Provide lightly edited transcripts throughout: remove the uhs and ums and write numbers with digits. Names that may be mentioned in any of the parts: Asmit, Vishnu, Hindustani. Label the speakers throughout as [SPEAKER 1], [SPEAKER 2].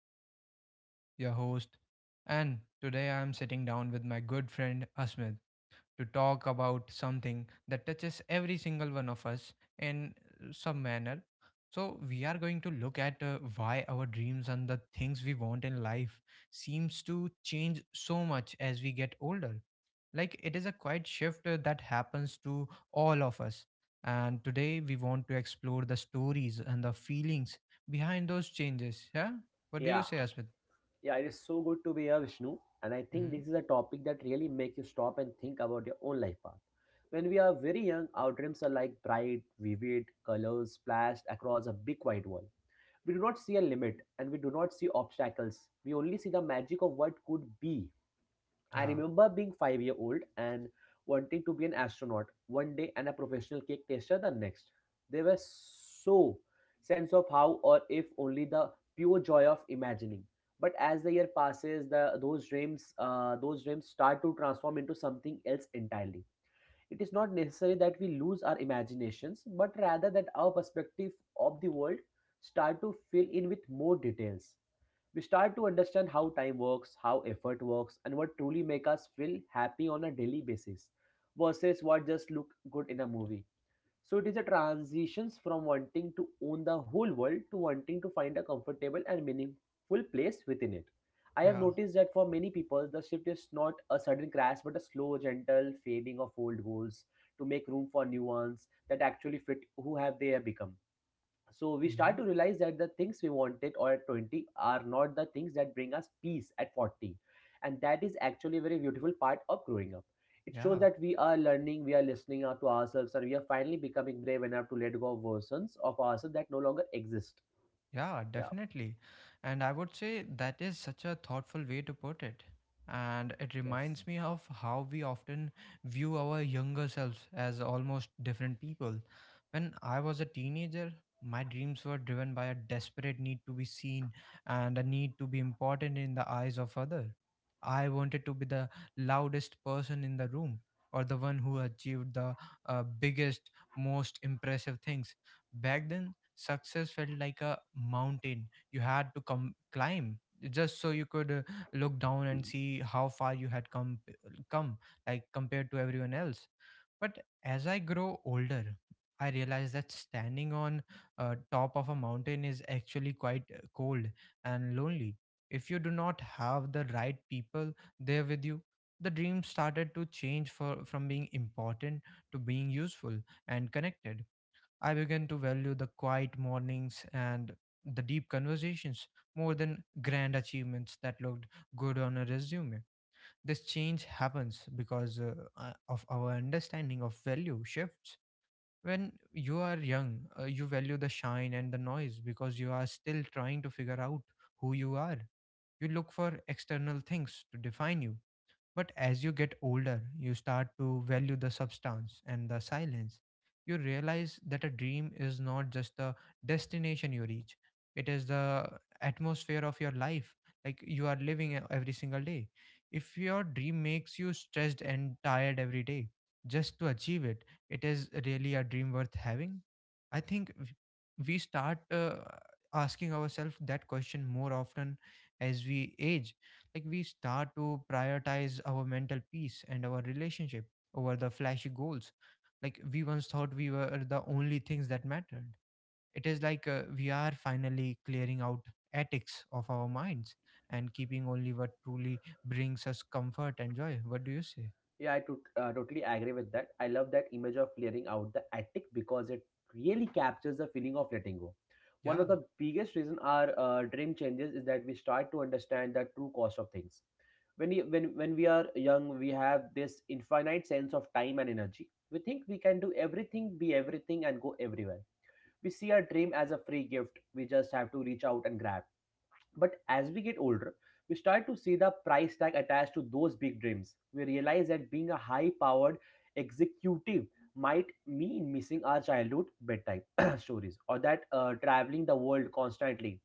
[SPEAKER 1] I am Vishnu, your host, and today I am sitting down with my good friend Asmit to talk about something that touches every single one of us in some manner. So, we are going to look at why our dreams and the things we want in life seems to change so much as we get older, like it is a quiet shift that happens to all of us, and today we want to explore the stories and the feelings behind those changes. Yeah, what do you
[SPEAKER 2] Yeah,
[SPEAKER 1] say, asmit?
[SPEAKER 2] yeah, it is so good to be here, Vishnu. And I think
[SPEAKER 1] Hmm.
[SPEAKER 2] this is a topic that really makes you stop and think about your own life path. When we are very young, our dreams are like bright, vivid colors splashed across a big white wall. We do not see a limit and we do not see obstacles. We only see the magic of what could be. I
[SPEAKER 1] Yeah,
[SPEAKER 2] remember being 5 year old and wanting to be an astronaut one day and a professional cake taster the next. They were so sense of how or if only the pure joy of imagining. But as the year passes, the those dreams start to transform into something else entirely. It is not necessary that we lose our imaginations, but rather that our perspective of the world start to fill in with more details. We start to understand how time works, how effort works, and what truly make us feel happy on a daily basis versus what just look good in a movie. So it is a transitions from wanting to own the whole world to wanting to find a comfortable and meaningful place within it. I have
[SPEAKER 1] yeah.
[SPEAKER 2] noticed that for many people, the shift is not a sudden crash but a slow, gentle fading of old goals to make room for new ones that actually fit who have they have become. So we
[SPEAKER 1] Hmm.
[SPEAKER 2] start to realize that the things we wanted or at 20 are not the things that bring us peace at 40, and that is actually a very beautiful part of growing up. It shows
[SPEAKER 1] Yeah.
[SPEAKER 2] that we are learning, we are listening out to ourselves, and we are finally becoming brave enough to let go of versions of ourselves that no longer exist.
[SPEAKER 1] Yeah,
[SPEAKER 2] Yeah,
[SPEAKER 1] definitely. And I would say that is such a thoughtful way to put it. And it
[SPEAKER 2] yes.
[SPEAKER 1] reminds me of how we often view our younger selves as almost different people. When I was a teenager, my dreams were driven by a desperate need to be seen and a need to be important in the eyes of others. I wanted to be the loudest person in the room, or the one who achieved the biggest, most impressive things. Back then, success felt like a mountain you had to come climb just so you could look down and see how far you had come like compared to everyone else. But as I grow older, I realize that standing on top of a mountain is actually quite cold and lonely if you do not have the right people there with you. The dream started to change from being important to being useful and connected. I began to value the quiet mornings and the deep conversations more than grand achievements that looked good on a resume. This change happens because of our understanding of value shifts. When you are young, you value the shine and the noise because you are still trying to figure out who you are. You look for external things to define you, but as you get older, you start to value the substance and the silence. You realize that a dream is not just the destination you reach, it is the atmosphere of your life, like you are living every single day. If your dream makes you stressed and tired every day, just to achieve it, it is really a dream worth having. I think we start asking ourselves that question more often as we age, like we start to prioritize our mental peace and our relationship over the flashy goals like we once thought we were the only things that mattered. It is like we are finally clearing out attics of our minds and keeping only what truly brings us comfort and joy. What do you say?
[SPEAKER 2] Yeah, I totally agree with that. I love that image of clearing out the attic because it really captures the feeling of letting go. One
[SPEAKER 1] Yeah.
[SPEAKER 2] of the biggest reason our dream changes is that we start to understand the true cost of things. When we are young, we have this infinite sense of time and energy. We think we can do everything, be everything, and go everywhere. We see our dream as a free gift. We just have to reach out and grab. But as we get older, we start to see the price tag attached to those big dreams. We realize that being a high powered executive might mean missing our childhood bedtime stories, or that traveling the world constantly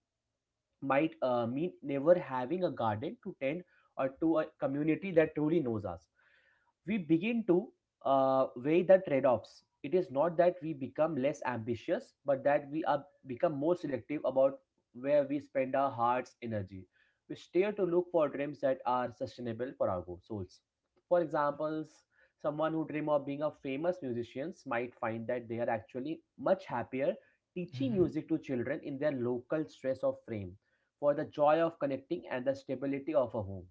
[SPEAKER 2] might mean never having a garden to tend or to a community that truly knows us. We begin to weigh the trade offs. It is not that we become less ambitious, but that we are become more selective about where we spend our heart's energy. We steer to look for dreams that are sustainable for our souls. For example, someone who dream of being a famous musician might find that they are actually much happier teaching
[SPEAKER 1] Mm-hmm.
[SPEAKER 2] music to children in their local stress of frame for the joy of connecting and the stability of a home.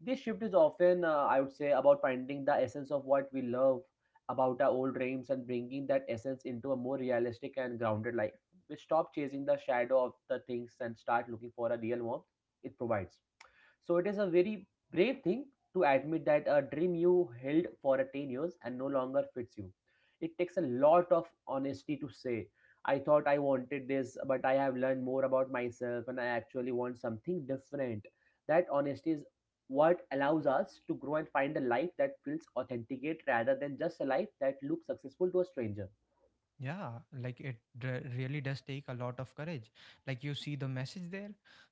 [SPEAKER 2] This shift is often, I would say, about finding the essence of what we love about our old dreams and bringing that essence into a more realistic and grounded life. We stop chasing the shadow of the things and start looking for a real warmth it provides. So it is a very brave thing to admit that a dream you held for 10 years and no longer fits you. It takes a lot of honesty to say, I thought I wanted this, but I have learned more about myself and I actually want something different. That honesty is what allows us to grow and find a life that feels authenticate rather than just a life that looks successful to a stranger.
[SPEAKER 1] Yeah, like it really does take a lot of courage. Like you see the message there,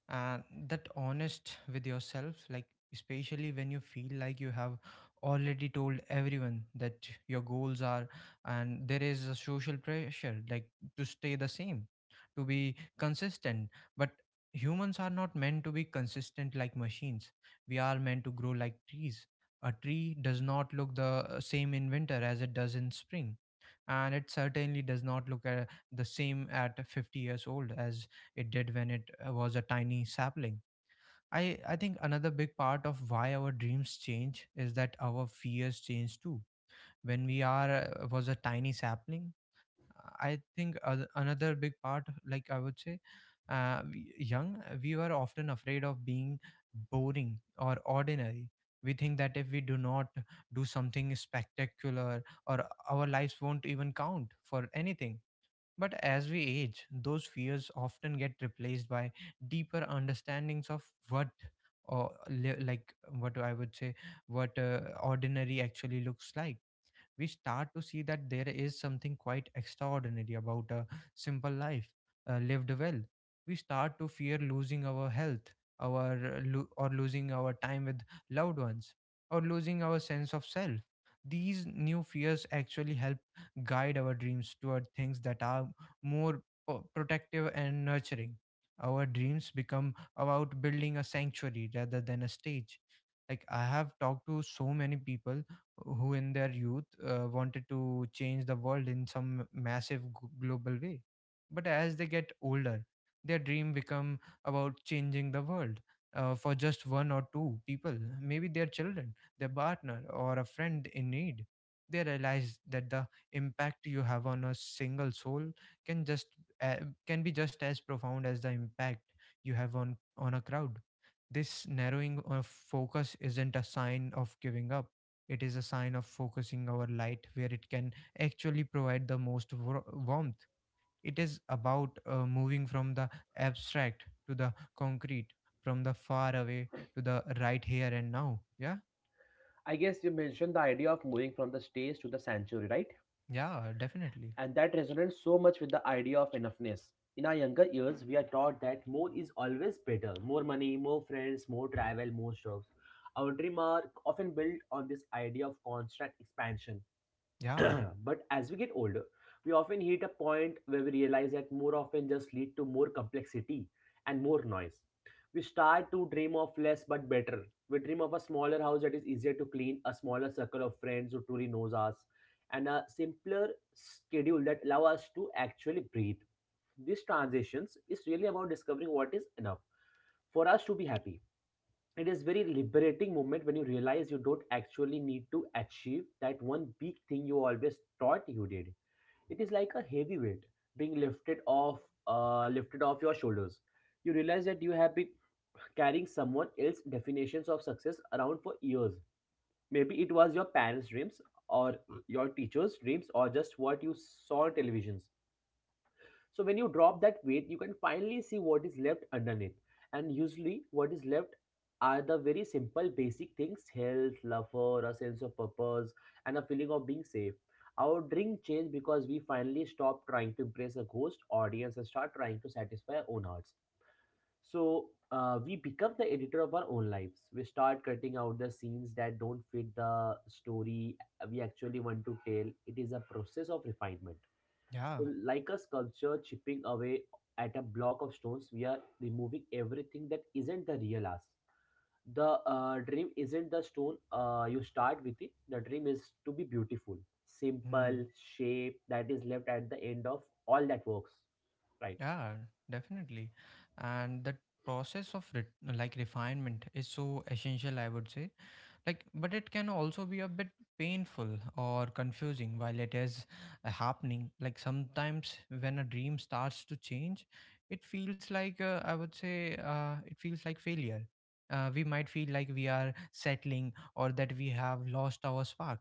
[SPEAKER 1] and that honest with yourself, like especially when you feel like you have already told everyone that your goals are, and there is a social pressure, like to stay the same, to be consistent. But humans are not meant to be consistent like machines. We are meant to grow like trees. A tree does not look the same in winter as it does in spring, and it certainly does not look at the same at 50 years old as it did when it was a tiny sapling. I think another big part of why our dreams change is that our fears change too. When we are was a tiny sapling, I think another big part, like I would say, young, we were often afraid of being boring or ordinary. We think that if we do not do something spectacular, or our lives won't even count for anything. But as we age, those fears often get replaced by deeper understandings of what, or like what I would say, what ordinary actually looks like. We start to see that there is something quite extraordinary about a simple life lived well. We start to fear losing our health, our or losing our time with loved ones, or losing our sense of self. These new fears actually help guide our dreams toward things that are more protective and nurturing. Our dreams become about building a sanctuary rather than a stage. Like I have talked to so many people who in their youth wanted to change the world in some massive global way, but as they get older their dream become about changing the world for just one or two people, maybe their children, their partner or a friend in need. They realize that the impact you have on a single soul can just uh, can be just as profound as the impact you have on a crowd. This narrowing of focus isn't a sign of giving up, it is a sign of focusing our light where it can actually provide the most warmth. It is about moving from the abstract to the concrete, from the far away to the right here and now. Yeah,
[SPEAKER 2] I guess you mentioned the idea of moving from the stage to the sanctuary, right?
[SPEAKER 1] yeah, definitely.
[SPEAKER 2] And that resonates so much with the idea of enoughness. In our younger years, we are taught that more is always better more money, more friends, more travel, more jobs. Our dream are often built on this idea of constant expansion.
[SPEAKER 1] Yeah,
[SPEAKER 2] But as we get older, we often hit a point where we realize that more often just lead to more complexity and more noise. We start to dream of less but better. We dream of a smaller house that is easier to clean, a smaller circle of friends who truly knows us, and a simpler schedule that allow us to actually breathe. These transitions is really about discovering what is enough for us to be happy. It is very liberating moment when you realize you don't actually need to achieve that one big thing you always thought you did. It is like a heavy weight being lifted off, lifted off your shoulders. You realize that you have been carrying someone else's definitions of success around for years, maybe it was your parents dreams, or your teachers dreams, or just what you saw on televisions. So when you drop that weight, you can finally see what is left underneath. And usually, what is left are the very simple, basic things health, laughter, a sense of purpose, and a feeling of being safe. Our drink changed because we finally stopped trying to impress a ghost audience and start trying to satisfy our own hearts. So we become the editor of our own lives. We start cutting out the scenes that don't fit the story we actually want to tell. It is a process of refinement,
[SPEAKER 1] yeah,
[SPEAKER 2] like a sculpture chipping away at a block of stones. We are removing everything that isn't the real us. The dream isn't the stone you start with it. The dream is to be beautiful, simple
[SPEAKER 1] mm,
[SPEAKER 2] shape that is left at the end of all that works, right?
[SPEAKER 1] yeah, definitely. And that process of like refinement is so essential, I would say, like but it can also be a bit painful or confusing while it is happening. Like sometimes when a dream starts to change it feels like I would say it feels like failure. Uh, we might feel like we are settling or that we have lost our spark.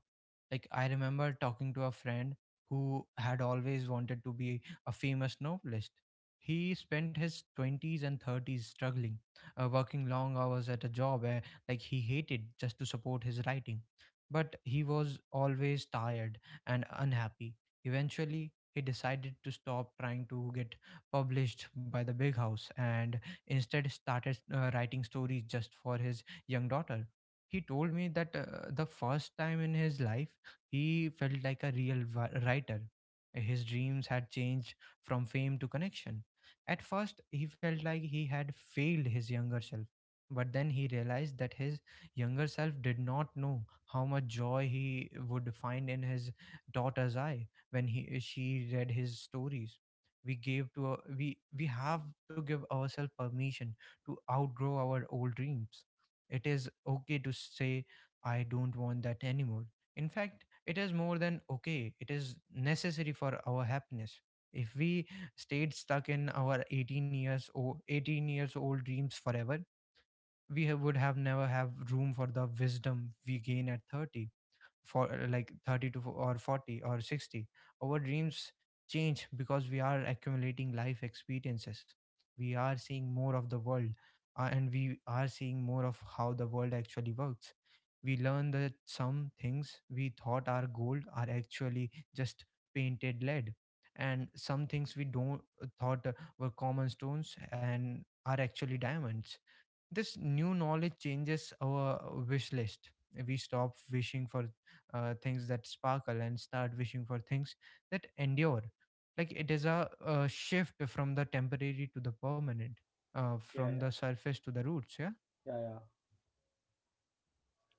[SPEAKER 1] Like I remember talking to a friend who had always wanted to be a famous novelist. He spent his 20s and 30s struggling, working long hours at a job like he hated just to support his writing. But he was always tired and unhappy. Eventually, he decided to stop trying to get published by the big house and instead started writing stories just for his young daughter. He told me that the first time in his life he felt like a real writer. His dreams had changed from fame to connection. At first, he felt like he had failed his younger self, but then he realized that his younger self did not know how much joy he would find in his daughter's eye when he she read his stories. We gave to our- we we have to give ourselves permission to outgrow our old dreams. It is okay to say, I don't want that anymore. In fact, it is more than okay. It is necessary for our happiness. If we stayed stuck in our 18 years old dreams forever, we would have never have room for the wisdom we gain at 30, for like 30 to fo- or 40 or 60. Our dreams change because we are accumulating life experiences, we are seeing more of the world, and we are seeing more of how the world actually works. We learn that some things we thought are gold are actually just painted lead, and some things we don't thought were common stones and are actually diamonds. This new knowledge changes our wish list. We stop wishing for things that sparkle and start wishing for things that endure, like it is a shift from the temporary to the permanent,
[SPEAKER 2] Yeah,
[SPEAKER 1] from the
[SPEAKER 2] yeah,
[SPEAKER 1] surface to the roots. Yeah,
[SPEAKER 2] yeah.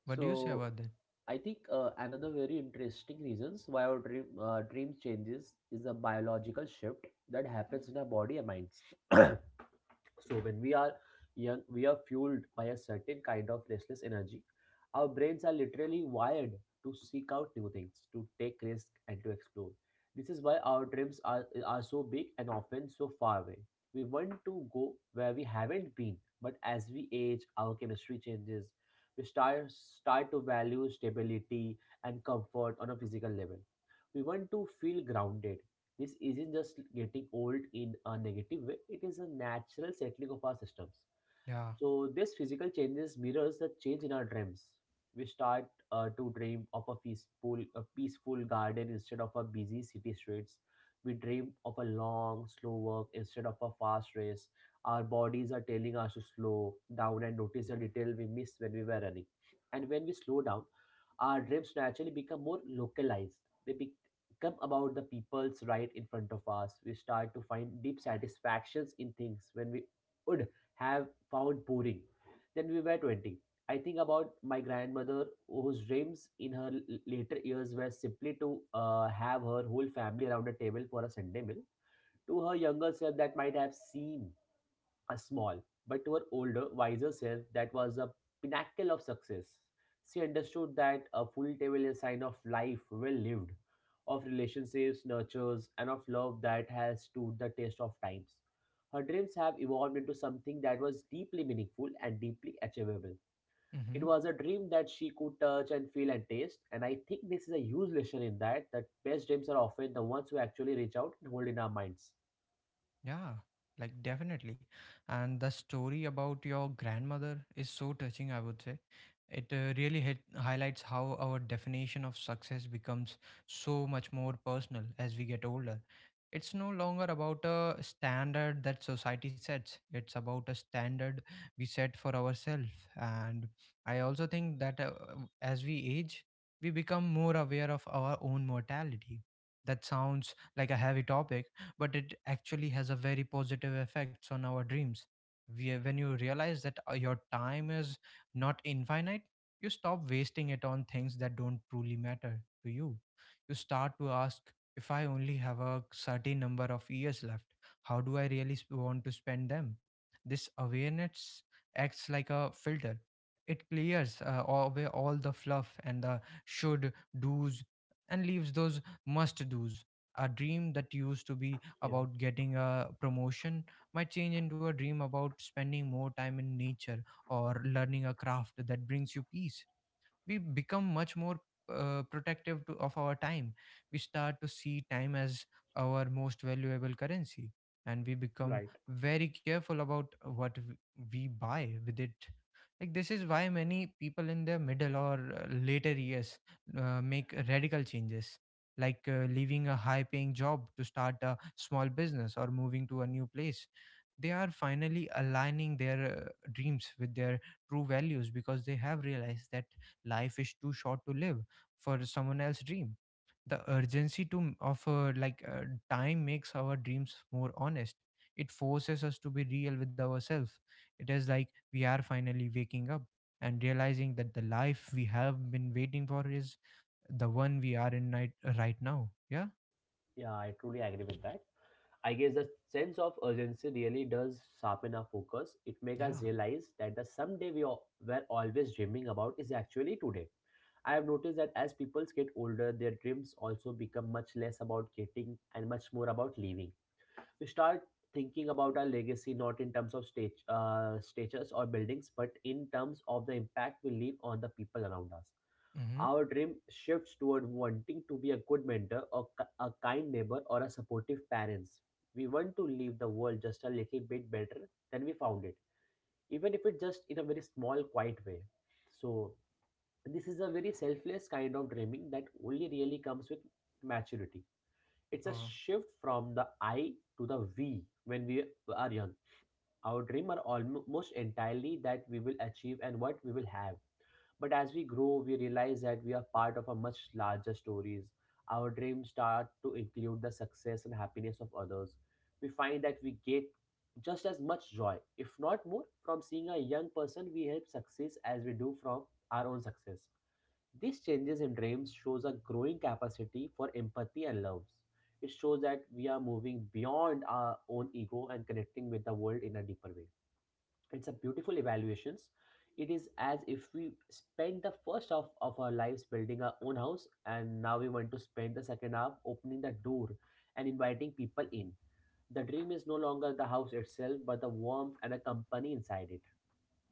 [SPEAKER 1] what do you say
[SPEAKER 2] So
[SPEAKER 1] about that?
[SPEAKER 2] I think another very interesting reasons why our dream changes is a biological shift that happens in our body and minds. So when we are young, we are fueled by a certain kind of restless energy. Our brains are literally wired to seek out new things, to take risks, and to explore. This is why our dreams are so big and often so far away. We want to go where we haven't been, but as we age, our chemistry changes. We start to value stability and comfort on a physical level. We want to feel grounded, this isn't just getting old in a negative way, it is a natural settling of our systems.
[SPEAKER 1] Yeah.
[SPEAKER 2] So this physical changes mirrors the change in our dreams. We start to dream of a peaceful garden instead of a busy city streets. We dream of a long, slow work instead of a fast race. Our bodies are telling us to slow down and notice the detail we missed when we were running. And when we slow down, our dreams naturally become more localized. They become about the people's right in front of us. We start to find deep satisfactions in things when we would have found boring. Then we were 20. I think about my grandmother whose dreams in her later years were simply to have her whole family around a table for a Sunday meal. To her younger self, that might have seemed a small, but to her older, wiser self, that was a pinnacle of success. She understood that a full table is a sign of life well lived, of relationships, nurtures, and of love that has stood the test of times. Her dreams have evolved into something that was deeply meaningful and deeply achievable. It
[SPEAKER 1] Mm-hmm.
[SPEAKER 2] was a dream that she could touch and feel and taste, and I think this is a huge lesson in that that best dreams are often the ones who actually reach out and hold in our minds.
[SPEAKER 1] Yeah, like definitely. And the story about your grandmother is so touching, I would say. It really highlights how our definition of success becomes so much more personal as we get older. It's no longer about a standard that society sets, it's about a standard we set for ourselves. And I also think that as we age, we become more aware of our own mortality. That sounds like a heavy topic, but it actually has a very positive effects on our dreams. When you realize that your time is not infinite, you stop wasting it on things that don't truly matter to you. You start to ask, if I only have a certain number of years left, how do I really want to spend them? This awareness acts like a filter. It clears away all the fluff and the should do's and leaves those must do's. A dream that used to be
[SPEAKER 2] Yeah,
[SPEAKER 1] about getting a promotion might change into a dream about spending more time in nature or learning a craft that brings you peace. We become much more protective of our time. We start to see time as our most valuable currency, and we become
[SPEAKER 2] right.
[SPEAKER 1] very careful about what we buy with it. Like this is why many people in their middle or later years make radical changes, like leaving a high-paying job to start a small business or moving to a new place. They are finally aligning their dreams with their true values because they have realized that life is too short to live for someone else's dream the urgency to of like Time makes our dreams more honest. It forces us to be real with ourselves. It is like we are finally waking up and realizing that the life we have been waiting for is the one we are in right now. Yeah,
[SPEAKER 2] Yeah, I truly agree with that. I guess the sense of urgency really does sharpen our focus. It makes us
[SPEAKER 1] yeah.
[SPEAKER 2] realize that the someday we all, were always dreaming about is actually today. I have noticed that as people get older, their dreams also become much less about getting and much more about living. We start thinking about our legacy not in terms of stage, statues or buildings, but in terms of the impact we leave on the people around us.
[SPEAKER 1] Mm-hmm.
[SPEAKER 2] Our dream shifts toward wanting to be a good mentor, or a kind neighbor, or a supportive parents. We want to leave the world just a little bit better than we found it, even if it's just in a very small, quiet way. So, this is a very selfless kind of dreaming that only really comes with maturity. It's a
[SPEAKER 1] Oh.
[SPEAKER 2] shift from the I to the we when we are young. Our dreams are almost entirely that we will achieve and what we will have. But as we grow, we realize that we are part of a much larger stories. Our dreams start to include the success and happiness of others. We find that we get just as much joy, if not more, from seeing a young person we help success as we do from our own success. These changes in dreams shows a growing capacity for empathy and love. It shows that we are moving beyond our own ego and connecting with the world in a deeper way. It's a beautiful evaluations. It is as if we spend the first half of our lives building our own house, and now we want to spend the second half opening the door and inviting people in. The dream is no longer the house itself but the warmth and a company inside it.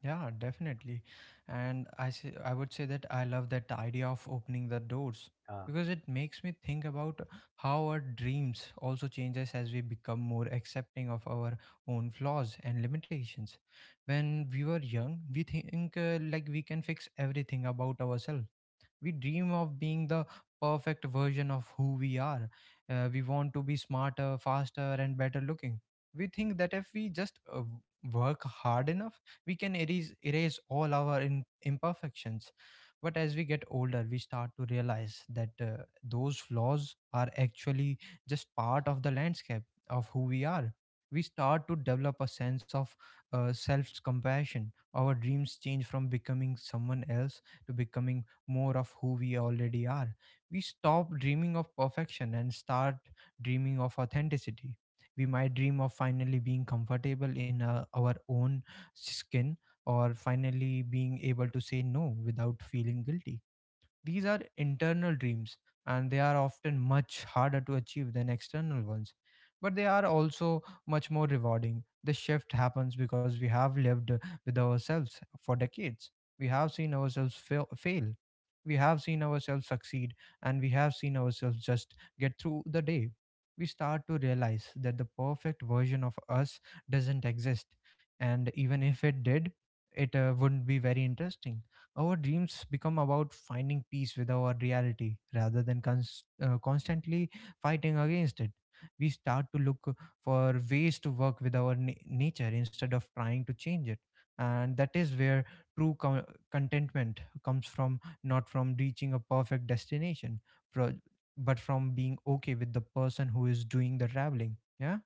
[SPEAKER 1] Yeah, definitely. I would say that I love that idea of opening the doors
[SPEAKER 2] Uh,
[SPEAKER 1] because it makes me think about how our dreams also changes as we become more accepting of our own flaws and limitations. When we were young, we think like we can fix everything about ourselves. We dream of being the perfect version of who we are. We want to be smarter faster and better looking. We think that if we just work hard enough we can erase all our imperfections. But as we get older we start to realize that those flaws are actually just part of the landscape of who we are. We start to develop a sense of self compassion. Our dreams change from becoming someone else to becoming more of who we already are. We stop dreaming of perfection and start dreaming of authenticity. We might dream of finally being comfortable in our own skin, or finally being able to say no without feeling guilty. These are internal dreams and they are often much harder to achieve than external ones. But they are also much more rewarding. The shift happens because we have lived with ourselves for decades. We have seen ourselves fail. We have seen ourselves succeed and we have seen ourselves just get through the day. We start to realize that the perfect version of us doesn't exist, and even if it did, it wouldn't be very interesting. Our dreams become about finding peace with our reality rather than constantly fighting against it. We start to look for ways to work with our nature instead of trying to change it. And that is where true co- contentment comes from, not from reaching a perfect destination, pro- but from being okay with the person who is doing the traveling. Yeah?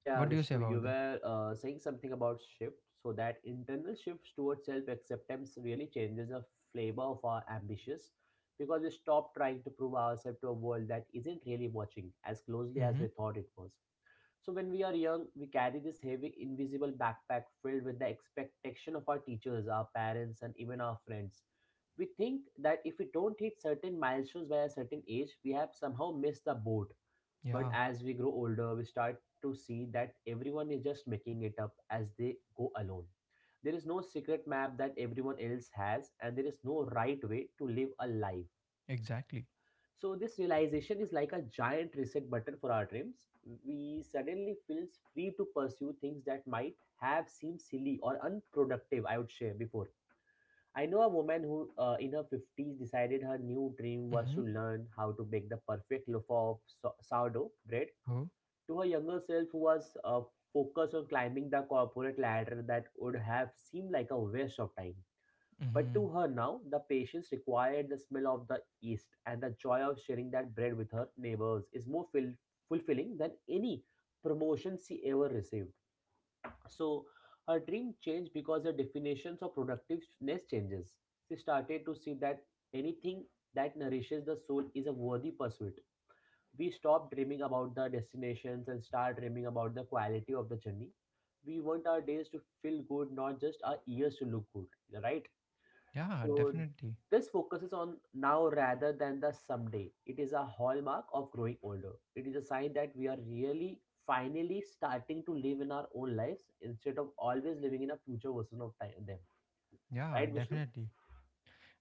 [SPEAKER 2] Yeah,
[SPEAKER 1] What do you say
[SPEAKER 2] Vishnu, you
[SPEAKER 1] about that?
[SPEAKER 2] were saying something about shift. So that internal shift towards self-acceptance really changes the flavor of our ambitions, because we stop trying to prove ourselves to a world that isn't really watching as closely as
[SPEAKER 1] Mm-hmm.
[SPEAKER 2] we thought it was. So when we are young, we carry this heavy, invisible backpack filled with the expectation of our teachers, our parents, and even our friends. We think that if we don't hit certain milestones by a certain age, we have somehow missed the boat. But
[SPEAKER 1] Yeah,
[SPEAKER 2] as we grow older, we start to see that everyone is just making it up as they go alone. There is no secret map that everyone else has, and there is no right way to live a life.
[SPEAKER 1] exactly.
[SPEAKER 2] So, this realization is like a giant reset button for our dreams. We suddenly feel free to pursue things that might have seemed silly or unproductive, I would say, before. I know a woman who, in her 50s, decided her new dream was
[SPEAKER 1] Mm-hmm.
[SPEAKER 2] to learn how to bake the perfect loaf of sourdough bread.
[SPEAKER 1] Oh.
[SPEAKER 2] To a younger self who was focused on climbing the corporate ladder, that would have seemed like a waste of time. But
[SPEAKER 1] Mm-hmm.
[SPEAKER 2] to her now, the patience required, the smell of the East, and the joy of sharing that bread with her neighbors is more fulfilling than any promotion she ever received. So her dream changed because her definitions of productiveness changes. She started to see that anything that nourishes the soul is a worthy pursuit. We stop dreaming about the destinations and start dreaming about the quality of the journey. We want our days to feel good, not just our years to look good, right?
[SPEAKER 1] Yeah,
[SPEAKER 2] So
[SPEAKER 1] definitely.
[SPEAKER 2] this focuses on now rather than the someday. It is a hallmark of growing older. It is a sign that we are really finally starting to live in our own lives instead of always living in a future version of time them.
[SPEAKER 1] Yeah,
[SPEAKER 2] Right, Vishnu?
[SPEAKER 1] definitely.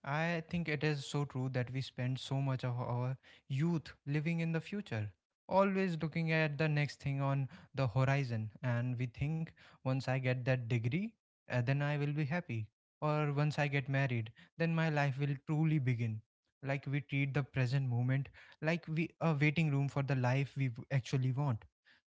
[SPEAKER 1] I think it is so true that we spend so much of our youth living in the future, always looking at the next thing on the horizon. And we think, once I get that degree, then I will be happy. Or once I get married, then my life will truly begin. Like we treat the present moment like we a waiting room for the life we actually want.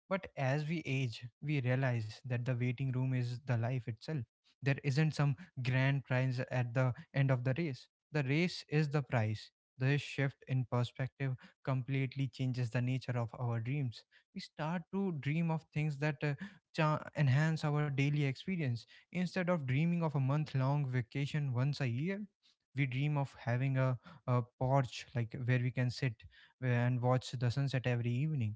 [SPEAKER 1] But as we age, we realize that the waiting room is the life itself. There isn't some grand prize at the end of the race. The race is the prize. This shift in perspective completely changes the nature of our dreams. We start to dream of things that enhance our daily experience. Instead of dreaming of a month long vacation once a year, we dream of having a porch like where we can sit and watch the sunset every evening.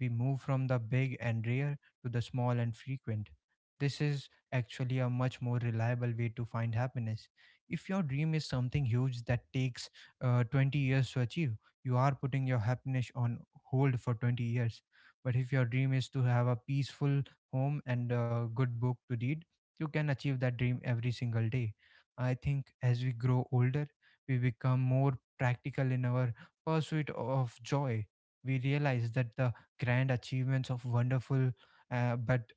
[SPEAKER 1] We move from the big and rare to the small and frequent. This is actually a much more reliable way to find happiness. If your dream is something huge that takes 20 years to achieve, you are putting your happiness on hold for 20 years. But if your dream is to have a peaceful home and a good book to read, you can achieve that dream every single day. I think as we grow older, we become more practical in our pursuit of joy. We realize that the grand achievements of wonderful but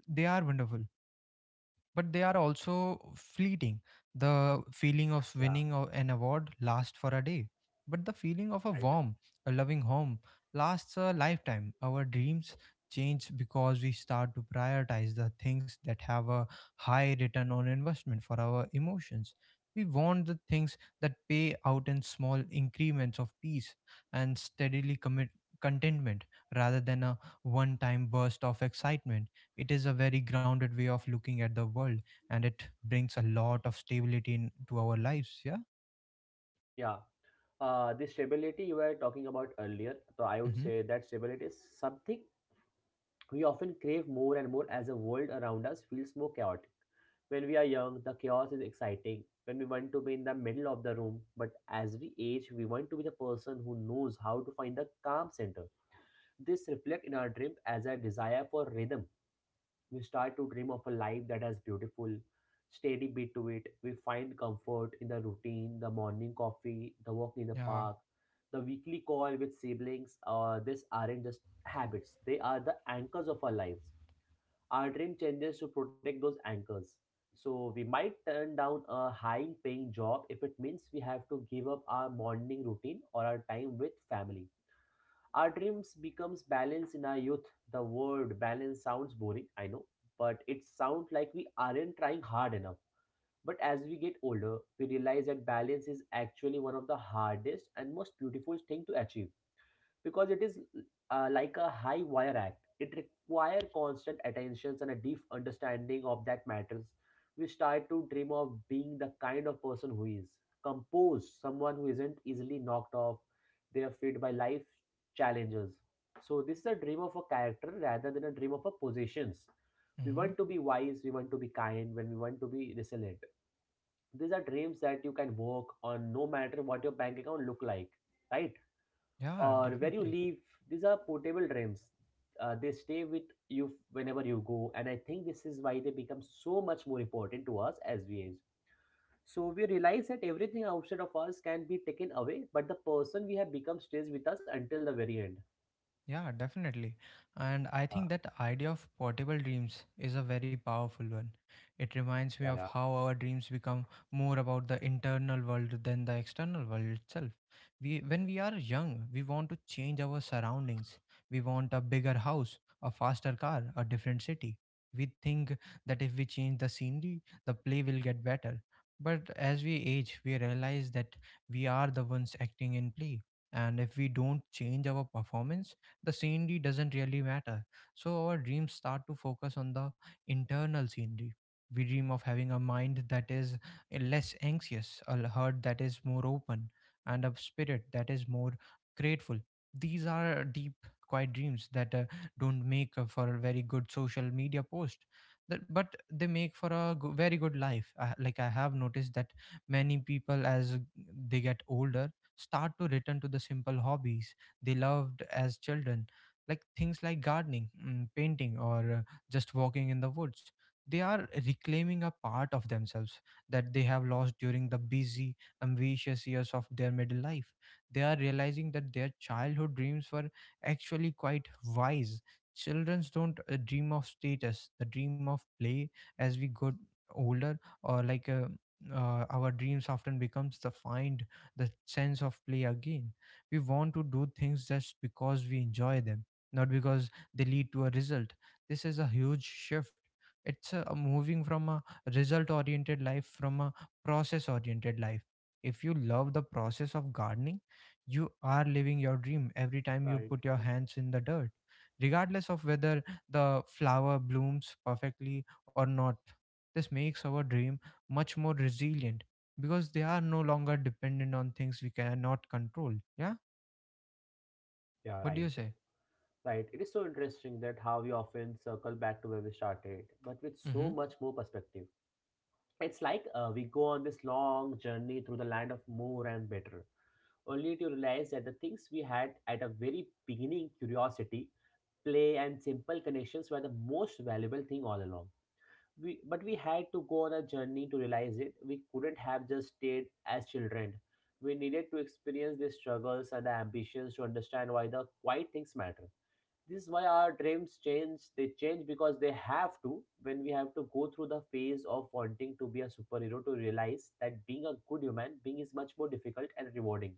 [SPEAKER 1] they are wonderful but they are also fleeting. The feeling of
[SPEAKER 2] Yeah,
[SPEAKER 1] an award lasts for a day, but the feeling of a
[SPEAKER 2] right.
[SPEAKER 1] warm, a loving home lasts a lifetime. Our dreams change because we start to prioritize the things that have a high return on investment for our emotions. We want the things that pay out in small increments of peace and steadily commit contentment rather than a one time burst of excitement. It is a very grounded way of looking at the world, and it brings a lot of stability into our lives. Yeah.
[SPEAKER 2] Yeah. The stability you were talking about earlier, so I would
[SPEAKER 1] Mm-hmm.
[SPEAKER 2] say that stability is something we often crave more and more as the world around us feels more chaotic. When we are young, the chaos is exciting. When we want to be in the middle of the room, but as we age, we want to be the person who knows how to find the calm center. This reflects in our dream as a desire for rhythm. We start to dream of a life that has beautiful, steady beat to it. We find comfort in the routine, the morning coffee, the walk in the
[SPEAKER 1] Yeah.
[SPEAKER 2] park, the weekly call with siblings. These aren't just habits; they are the anchors of our lives. Our dream changes to protect those anchors. So we might turn down a high paying job if it means we have to give up our morning routine or our time with family. Our dreams becomes balance in our youth. The word balance sounds boring, I know, but it sounds like we aren't trying hard enough. But as we get older, we realize that balance is actually one of the hardest and most beautiful thing to achieve, because it is like a high wire act. It requires constant attentions and a deep understanding of that matters. We start to dream of being the kind of person who is composed, someone who isn't easily knocked off their feet by life challenges. So this is a dream of a character rather than a dream of a possessions. We
[SPEAKER 1] Mm-hmm.
[SPEAKER 2] want to be wise, we want to be kind, when we want to be resilient. These are dreams that you can work on no matter what your bank account look like, right?
[SPEAKER 1] Yeah,
[SPEAKER 2] Or where you
[SPEAKER 1] definitely.
[SPEAKER 2] live. These are portable dreams. They stay with you whenever you go, and I think this is why they become so much more important to us as we age. So we realize that everything outside of us can be taken away, but the person we have become stays with us until the very end.
[SPEAKER 1] Yeah, definitely. And I
[SPEAKER 2] uh,
[SPEAKER 1] think that idea of portable dreams is a very powerful one. It reminds me
[SPEAKER 2] yeah
[SPEAKER 1] of
[SPEAKER 2] yeah
[SPEAKER 1] how our dreams become more about the internal world than the external world itself. We When we are young, we want to change our surroundings. We want a bigger house, a faster car, a different city. We think that if we change the scenery, the play will get better. But as we age, we realize that we are the ones acting in play. And if we don't change our performance, the scenery doesn't really matter. So our dreams start to focus on the internal scenery. We dream of having a mind that is less anxious, a heart that is more open, and a spirit that is more grateful. These are deep, quiet dreams that don't make for a very good social media post, but they make for a very good life. Like I have noticed that many people, as they get older, start to return to the simple hobbies they loved as children, like things like gardening, mm, painting, or just walking in the woods. They are reclaiming a part of themselves that they have lost during the busy, ambitious years of their middle life. They are realizing that their childhood dreams were actually quite wise. Children don't dream of status, the dream of play. As we get older, or like our dreams often becomes the find the sense of play again. We want to do things just because we enjoy them, not because they lead to a result. This is a huge shift. It's a moving from a result oriented life from a process oriented life. If you love the process of gardening, you are living your dream every time you
[SPEAKER 2] Right,
[SPEAKER 1] put your
[SPEAKER 2] right.
[SPEAKER 1] hands in the dirt, regardless of whether the flower blooms perfectly or not. This makes our dream much more resilient because they are no longer dependent on things we cannot control. Yeah.
[SPEAKER 2] Yeah,
[SPEAKER 1] What do you
[SPEAKER 2] right.
[SPEAKER 1] say?
[SPEAKER 2] Right. It is so interesting that how we often circle back to where we started, but with
[SPEAKER 1] Mm-hmm.
[SPEAKER 2] so much more perspective. It's like we go on this long journey through the land of more and better, only to realize that the things we had at a very beginning curiosity, play, and simple connections were the most valuable thing all along. We, but we had to go on a journey to realize it. We couldn't have just stayed as children. We needed to experience the struggles and the ambitions to understand why the quiet things matter. This is why our dreams change. They change because they have to, when we have to go through the phase of wanting to be a superhero to realize that being a good human being is much more difficult and rewarding.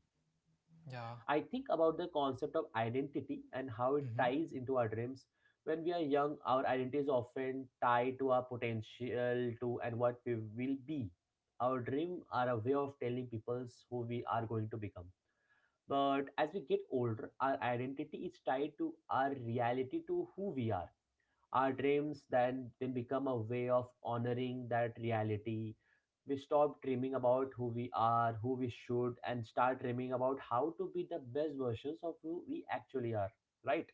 [SPEAKER 1] Yeah.
[SPEAKER 2] I think about the concept of identity and how it
[SPEAKER 1] Mm-hmm.
[SPEAKER 2] ties into our dreams. When we are young, our identity is often tied to our potential to and what we will be. Our dreams are a way of telling people who we are going to become. But as we get older, our identity is tied to our reality, to who we are. Our dreams then become a way of honoring that reality. We stop dreaming about who we are, who we should, and start dreaming about how to be the best versions of who we actually are, right?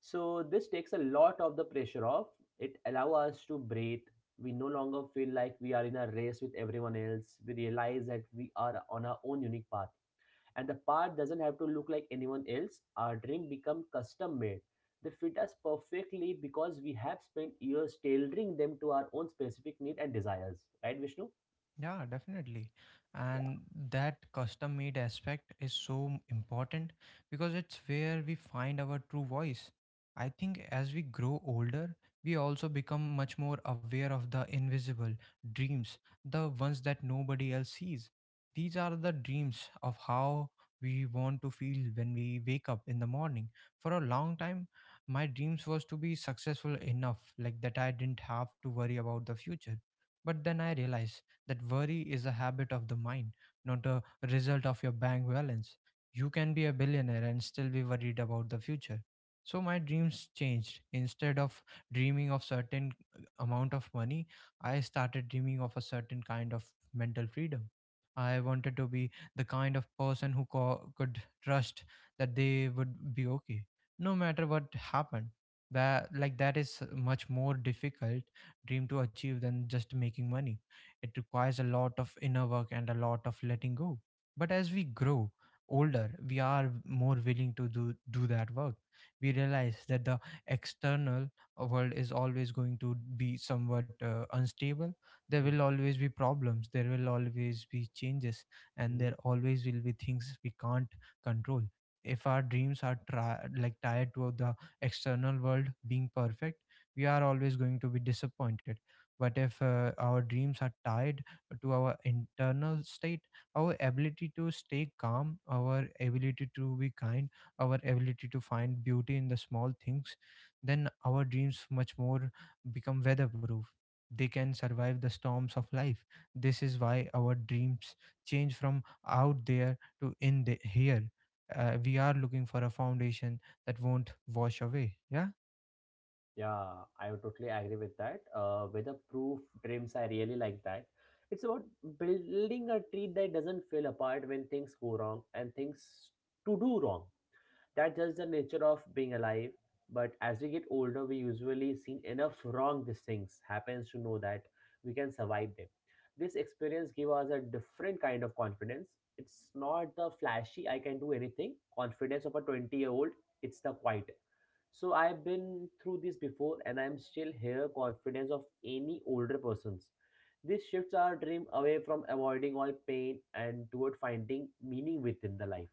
[SPEAKER 2] So, this takes a lot of the pressure off. It allows us to breathe. We no longer feel like we are in a race with everyone else. We realize that we are on our own unique path, and the part doesn't have to look like anyone else. Our drink become custom made. They fit us perfectly because we have spent years tailoring them to our own specific need and desires, right, Vishnu?
[SPEAKER 1] Yeah, definitely.
[SPEAKER 2] Yeah.
[SPEAKER 1] And that custom made aspect is so important because it's where we find our true voice. I think as we grow older, we also become much more aware of the invisible dreams, the ones that nobody else sees. These are the dreams of how we want to feel when we wake up in the morning. For a long time, my dreams was to be successful enough like that I didn't have to worry about the future. But then I realized that worry is a habit of the mind, not a result of your bank balance. You can be a billionaire and still be worried about the future. So my dreams changed. Instead of dreaming of certain amount of money, I started dreaming of a certain kind of mental freedom. I wanted to be the kind of person who could trust that they would be okay, no matter what happened. That like that is much more difficult dream to achieve than just making money. It requires a lot of inner work and a lot of letting go. But as we grow older, we are more willing to do that work. We realize that the external world is always going to be somewhat unstable. There will always be problems, there will always be changes, and
[SPEAKER 2] Mhm.
[SPEAKER 1] there always will be things we can't control. If our dreams are tied to the external world being perfect, we are always going to be disappointed. But if our dreams are tied to our internal state, our ability to stay calm, our ability to be kind, our ability to find beauty in the small things, then our dreams much more become weatherproof. They can survive the storms of life. This is why our dreams change from out there to in the here. We are looking for a foundation that won't wash away. Yeah.
[SPEAKER 2] Yeah, I would totally agree with that. Weatherproof dreams, I really like that. It's about building a tree that doesn't fall apart when things go wrong, and things to do wrong. That's just the nature of being alive. But as we get older, we usually seen enough wrong these things happens to know that we can survive them. This experience give us a different kind of confidence. It's not the flashy I can do anything confidence of a 20-year-old. It's the quiet. So I've been through this before and I'm still here confidence of any older persons. This shifts our dream away from avoiding all pain and toward finding meaning within the life.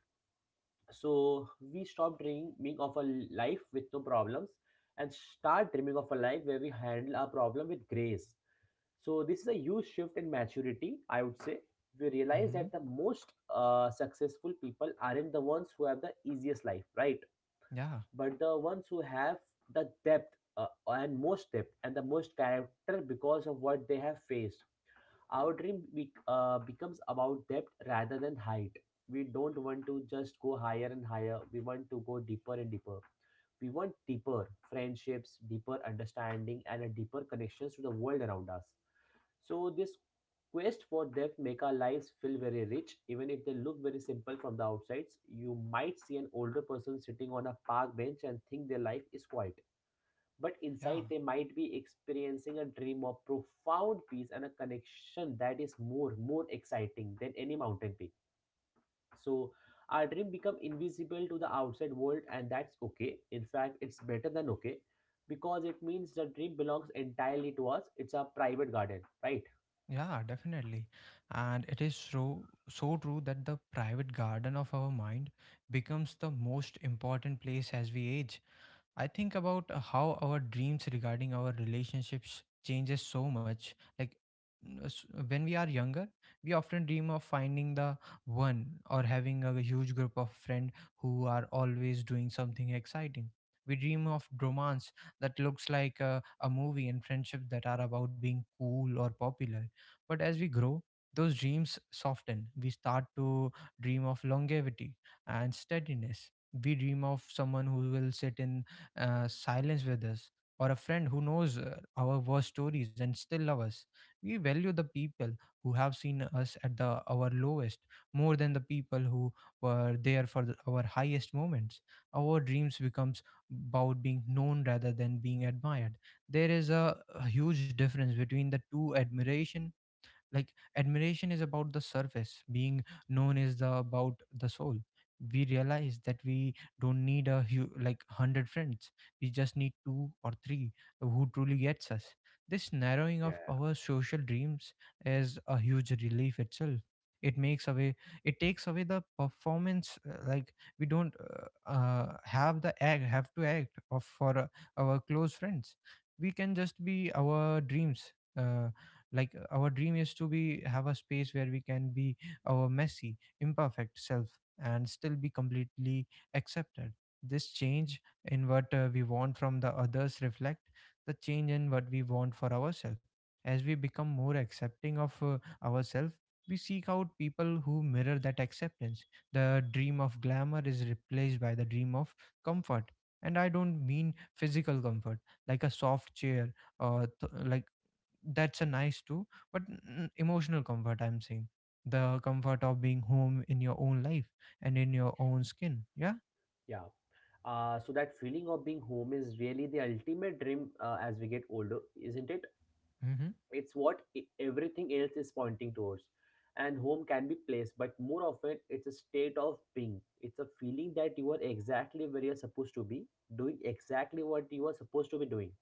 [SPEAKER 2] So we stop dreaming being of a life with no problems, and start dreaming of a life where we handle our problem with grace. So this is a huge shift in maturity, I would say. We realize
[SPEAKER 1] Mm-hmm.
[SPEAKER 2] that the most successful people aren't the ones who have the easiest life, right?
[SPEAKER 1] Yeah.
[SPEAKER 2] But the ones who have the depth and most depth and the most character because of what they have faced. Our dream becomes about depth rather than height. We don't want to just go higher and higher. We want to go deeper and deeper. We want deeper friendships, deeper understanding, and a deeper connections to the world around us. So this quest for depth make our lives feel very rich, even if they look very simple from the outsides. You might see an older person sitting on a park bench and think their life is quiet, but
[SPEAKER 1] Yeah.
[SPEAKER 2] inside they might be experiencing a dream of profound peace and a connection that is more exciting than any mountain peak. So our dream become invisible to the outside world, and that's okay. In fact, it's better than okay, because it means the dream belongs entirely to us. It's our private garden, right?
[SPEAKER 1] Yeah, definitely. And it is so so true that the private garden of our mind becomes the most important place as we age. I think about how our dreams regarding our relationships changes so much. Like when we are younger, we often dream of finding the one or having a huge group of friends who are always doing something exciting. We dream of romance that looks like a movie and friendship that are about being cool or popular. But as we grow, those dreams soften. We start to dream of longevity and steadiness. We dream of someone who will sit in silence with us, or a friend who knows our worst stories and still love us. We value the people who have seen us at the our lowest more than the people who were there for our highest moments. Our dreams becomes about being known rather than being admired. There is a huge difference between the two admiration like admiration is about the surface, being known is the about the soul. We realize that we don't need a like 100 friends, we just need two or three who truly gets us. This narrowing of
[SPEAKER 2] Yeah.
[SPEAKER 1] our social dreams is a huge relief itself. It makes away, it takes away the performance, like we don't have the act have to act of for our close friends. We can just be our dreams, like our dream is to be have a space where we can be our messy imperfect self and still be completely accepted. This change in what we want from the others reflect the change in what we want for ourselves. As we become more accepting of ourselves, we seek out people who mirror that acceptance. The dream of glamour is replaced by the dream of comfort. And I don't mean physical comfort, like a soft chair or like that's a nice too, but emotional comfort I'm saying, the comfort of being home in your own life and in your own skin. Yeah.
[SPEAKER 2] Yeah, so that feeling of being home is really the ultimate dream, as we get older, isn't it?
[SPEAKER 1] Mm-hmm.
[SPEAKER 2] It's what everything else is pointing towards. And home can be place, but more often it's a state of being. It's a feeling that you are exactly where you're supposed to be, doing exactly what you are supposed to be doing.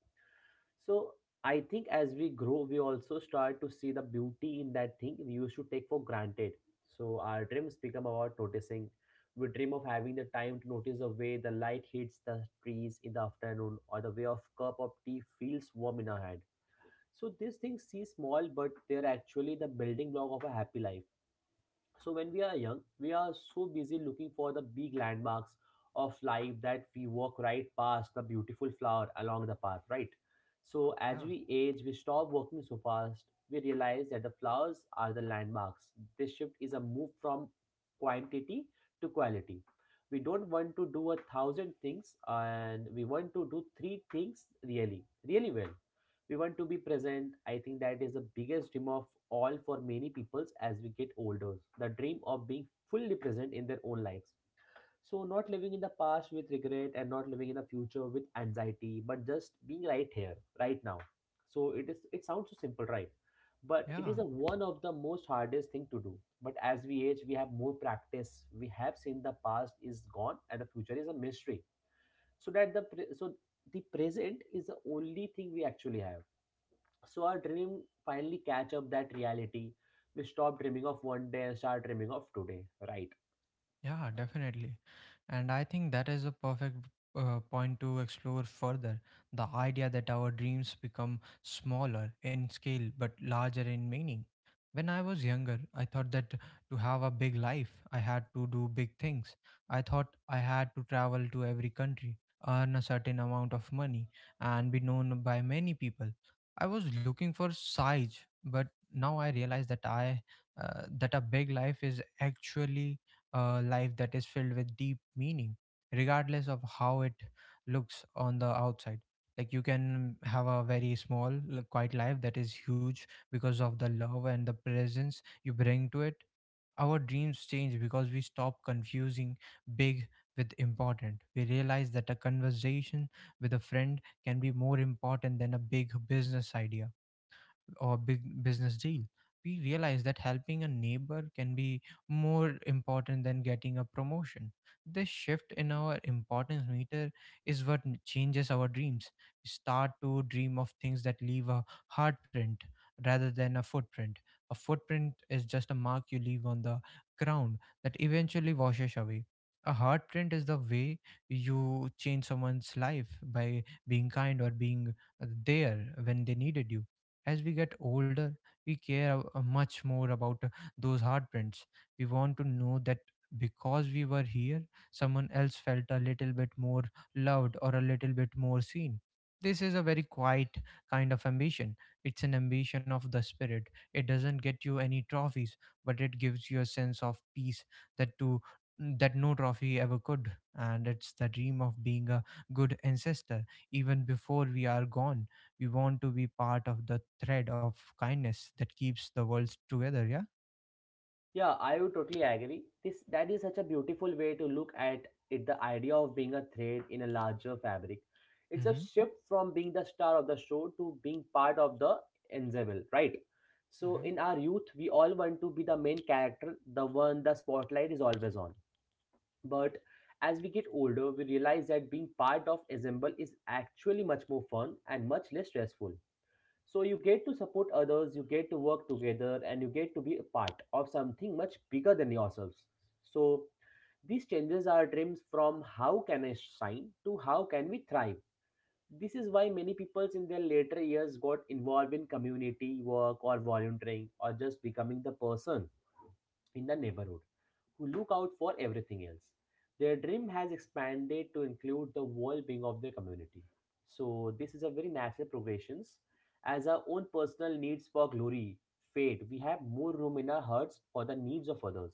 [SPEAKER 2] So I think as we grow, we also start to see the beauty in that thing we used to take for granted. So our dreams become about noticing. We dream of having the time to notice the way the light hits the trees in the afternoon or the way of cup of tea feels warm in our hand. So these things seem small, but they're actually the building block of a happy life. So when we are young, we are so busy looking for the big landmarks of life that we walk right past the beautiful flower along the path, right? So as
[SPEAKER 1] Yeah.
[SPEAKER 2] we age, we stop walking so fast. We realize that the flowers are the landmarks. This shift is a move from quantity to quality. We don't want to do a thousand things and we want to do three things really, really well. We want to be present. I think that is the biggest dream of all for many peoples as we get older, the dream of being fully present in their own lives, so not living in the past with regret and not living in the future with anxiety, but just being right here, right now. So it sounds so simple, right? But it
[SPEAKER 1] Yeah.
[SPEAKER 2] is a, one of the most hardest thing to do. But as we age, we have more practice. We have seen the past is gone and the future is a mystery, so that the present is the only thing we actually have. So our dream finally catch up that reality. We stop dreaming of one day and start dreaming of today, right?
[SPEAKER 1] Yeah, definitely. And I think that is a perfect point to explore further. The idea that our dreams become smaller in scale but larger in meaning. When I was younger, I thought that to have a big life, I had to do big things. I thought I had to travel to every country, earn a certain amount of money, and be known by many people. I was looking for size, but now I realize that I that a big life is actually a life that is filled with deep meaning, regardless of how it looks on the outside. Like you can have a very small, quiet life that is huge because of the love and the presence you bring to it. Our dreams change because we stop confusing big with important. We realize that a conversation with a friend can be more important than a big business idea or big business deal. We realize that helping a neighbor can be more important than getting a promotion. This shift in our importance meter is what changes our dreams. We start to dream of things that leave a heartprint rather than a footprint. A footprint is just a mark you leave on the ground that eventually washes away. A heartprint is the way you change someone's life by being kind or being there when they needed you. As we get older, we care a much more about those heartbreaks. We want to know that because we were here, someone else felt a little bit more loved or a little bit more seen. This is a very quiet kind of ambition. It's an ambition of the spirit. It doesn't get you any trophies, but it gives you a sense of peace that to that no trophy ever could. And it's the dream of being a good ancestor, even before we are gone. We want to be part of the thread of kindness that keeps the world together. Yeah.
[SPEAKER 2] Yeah, I would totally agree. This that is such a beautiful way to look at it. The idea of being a thread in a larger fabric. It's a
[SPEAKER 1] Mm-hmm.
[SPEAKER 2] shift from being the star of the show to being part of the ensemble, right? So in our youth, we all want to be the main character, the one the spotlight is always on. But as we get older, we realize that being part of ensemble is actually much more fun and much less stressful. So you get to support others, you get to work together, and you get to be a part of something much bigger than yourselves. So these changes are dreams from how can I shine to how can we thrive. This is why many people in their later years got involved in community work or volunteering or just becoming the person in the neighborhood who look out for everything else. Their dream has expanded to include the well-being of their community. So this is a very natural progression. As our own personal needs for glory fade, we have more room in our hearts for the needs of others.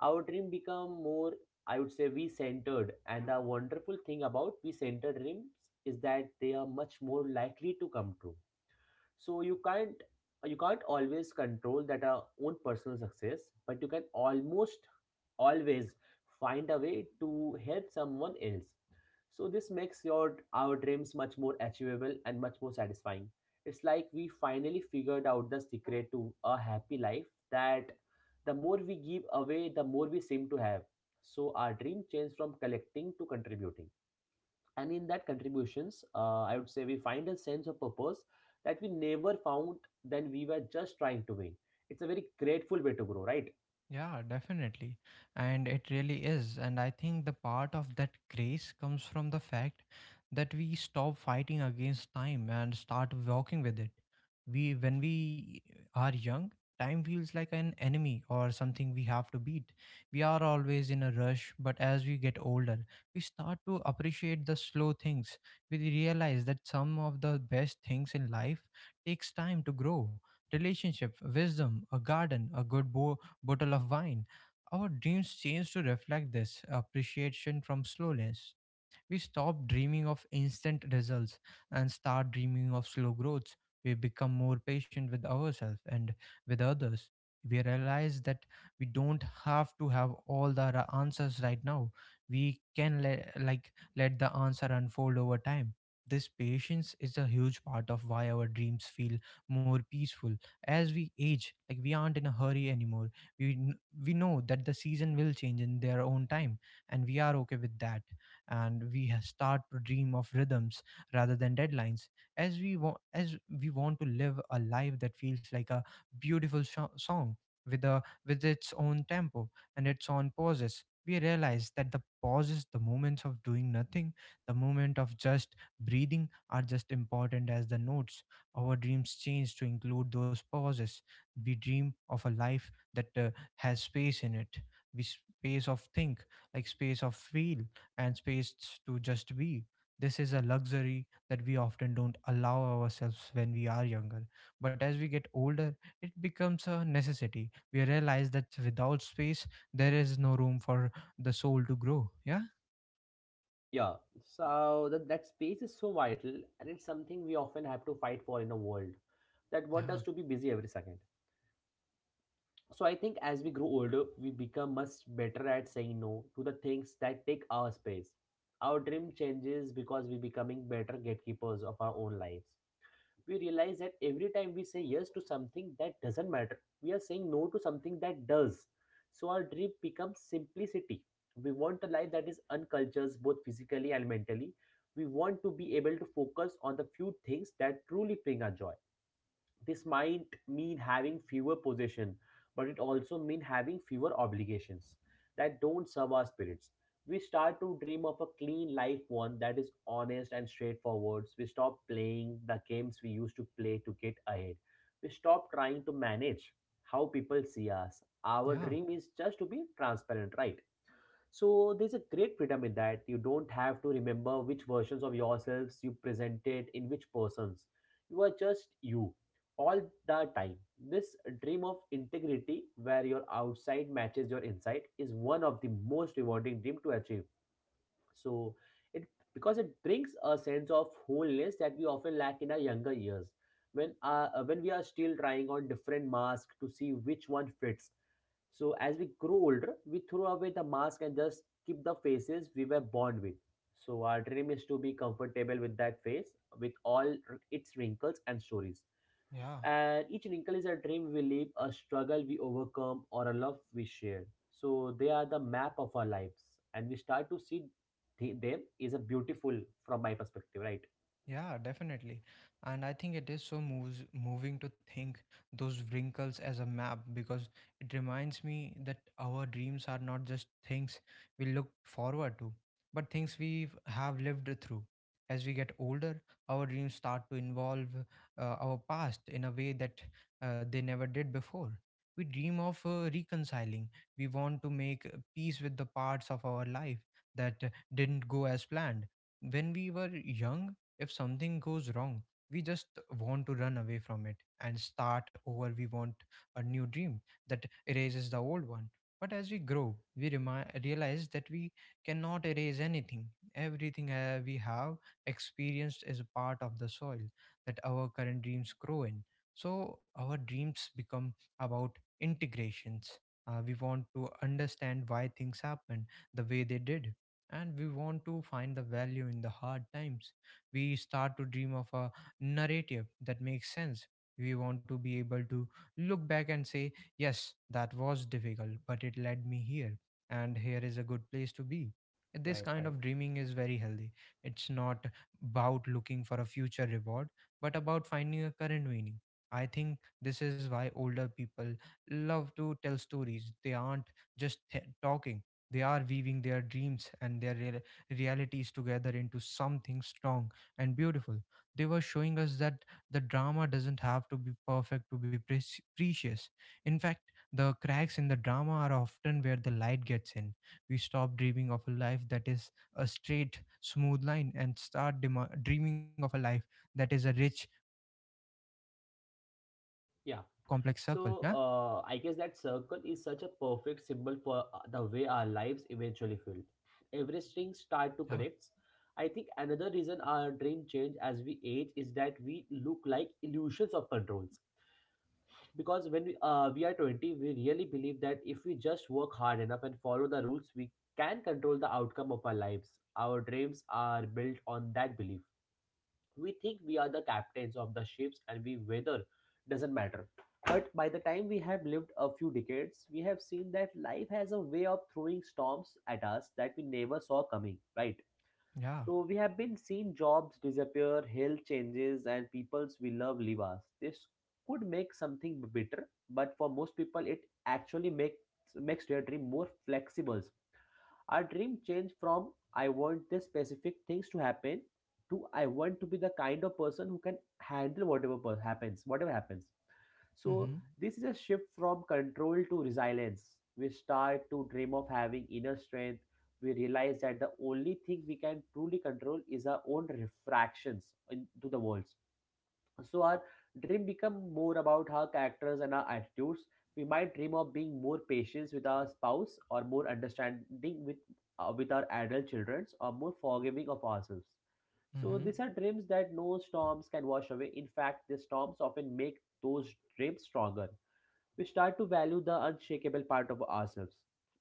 [SPEAKER 2] Our dream become more, I would say, we-centered. And the wonderful thing about we-centered dreams is that they are much more likely to come true. So you can't always control that our own personal success, but you can almost always find a way to help someone else. So this makes your our dreams much more achievable and much more satisfying. It's like we finally figured out the secret to a happy life, that the more we give away, the more we seem to have. So our dream changed from collecting to contributing. And in that contributions, I would say we find a sense of purpose that we never found then we were just trying to win. It's a very grateful way to grow, right?
[SPEAKER 1] Yeah, definitely. And it really is. And I think the part of that grace comes from the fact that we stop fighting against time and start walking with it. We when we are young, time feels like an enemy or something we have to beat. We are always in a rush, but as we get older, we start to appreciate the slow things. We realize that some of the best things in life takes time to grow. Relationship, wisdom, a garden, a good boy bottle of wine. Our dreams change to reflect this appreciation from slowness. We stop dreaming of instant results and start dreaming of slow growth. We become more patient with ourselves and with others. We realize that we don't have to have all the answers right now. We can like let the answer unfold over time. This patience is a huge part of why our dreams feel more peaceful as we age. Like we aren't in a hurry anymore. We kn- we know that the season will change in their own time, and we are okay with that. And we start to dream of rhythms rather than deadlines, as we want to live a life that feels like a beautiful sho song with a with its own tempo and its own pauses. We realize that the pauses, the moments of doing nothing, the moment of just breathing are just important as the notes. Our dreams change to include those pauses. We dream of a life that has space in it. We space of think, like space of feel, and space to just be. This is a luxury that we often don't allow ourselves when we are younger. But as we get older, it becomes a necessity. We realize that without space, there is no room for the soul to grow. Yeah,
[SPEAKER 2] Yeah, so that space is so vital, and it's something we often have to fight for in a world that what does
[SPEAKER 1] yeah,
[SPEAKER 2] to be busy every second. So I think as we grow older, we become much better at saying no to the things that take our space. Our dream changes because we're becoming better gatekeepers of our own lives. We realize that every time we say yes to something that doesn't matter, we are saying no to something that does. So our dream becomes simplicity. We want a life that is uncultured both physically and mentally. We want to be able to focus on the few things that truly bring us joy. This might mean having fewer possession, but it also mean having fewer obligations that don't serve our spirits. We start to dream of a clean life, one that is honest and straightforward. We stop playing the games we used to play to get ahead. We stop trying to manage how people see us. Our
[SPEAKER 1] yeah,
[SPEAKER 2] dream is just to be transparent, right? So there's a great freedom in that. You don't have to remember which versions of yourselves you presented in which persons. You are just you all the time. This dream of integrity where your outside matches your inside is one of the most rewarding dream to achieve. So it because it brings a sense of wholeness that we often lack in our younger years when when we are still trying on different masks to see which one fits. So as we grow older, we throw away the mask and just keep the faces we were born with. So our dream is to be comfortable with that face, with its wrinkles and stories.
[SPEAKER 1] yeah.
[SPEAKER 2] And each wrinkle is a dream we live, a struggle we overcome, or a love we share. So they are the map of our lives, and we start to see them is a beautiful from my perspective, right?
[SPEAKER 1] Yeah, definitely. And I think it is so moving to think those wrinkles as a map because it reminds me that our dreams are not just things we look forward to, but things we have lived through. As we get older, our dreams start to involve our past in a way that they never did before. We dream of reconciling. We want to make peace with the parts of our life that didn't go as planned. When we were young, if something goes wrong, we just want to run away from it and start over. We want a new dream that erases the old one. But as we grow, we realize that we cannot erase anything. Everything we have experienced is a part of the soil that our current dreams grow in. So our dreams become about integrations. We want to understand why things happened the way they did, and we want to find the value in the hard times. We start to dream of a narrative that makes sense. We want to be able to look back and say, yes, that was difficult, but it led me here, and here is a good place to be. This
[SPEAKER 2] Right,
[SPEAKER 1] kind
[SPEAKER 2] right.
[SPEAKER 1] of dreaming is very healthy. It's not about looking for a future reward, but about finding a current meaning. I think this is why older people love to tell stories. They aren't just talking, they are weaving their dreams and their realities together into something strong and beautiful. They were showing us that the drama doesn't have to be perfect to be precious. In fact, the cracks in the drama are often where the light gets in. We stop dreaming of a life that is a straight, smooth line and start dema dreaming of a life that is a rich, complex circle. Yeah,
[SPEAKER 2] Yeah. So I guess that circle is such a perfect symbol for the way our lives eventually feel. Every
[SPEAKER 1] yeah,
[SPEAKER 2] string start to connect. I think another reason our dream change as we age is that we look like illusions of controls. Because we are 20, we really believe that if we just work hard enough and follow the rules, we can control the outcome of our lives. Our dreams are built on that belief. We think we are the captains of the ships and we weather doesn't matter. But by the time we have lived a few decades, we have seen that life has a way of throwing storms at us that we never saw coming, right?
[SPEAKER 1] yeah.
[SPEAKER 2] So we have been seeing jobs disappear, health changes, and peoples we love leave us. This could make something bitter, but for most people it actually makes their dream more flexible. Our dream changed from I want this specific things to happen, to I want to be the kind of person who can handle whatever happens. So
[SPEAKER 1] Mm-hmm.
[SPEAKER 2] this is a shift from control to resilience. We start to dream of having inner strength. We realize that the only thing we can truly control is our own refractions into the walls. So our dream become more about our characters and our attitudes. We might dream of being more patient with our spouse, or more understanding with with our adult children, or more forgiving of ourselves. So
[SPEAKER 1] Mm-hmm.
[SPEAKER 2] these are dreams that no storms can wash away. In fact, the storms often make those dreams stronger. We start to value the unshakable part of ourselves.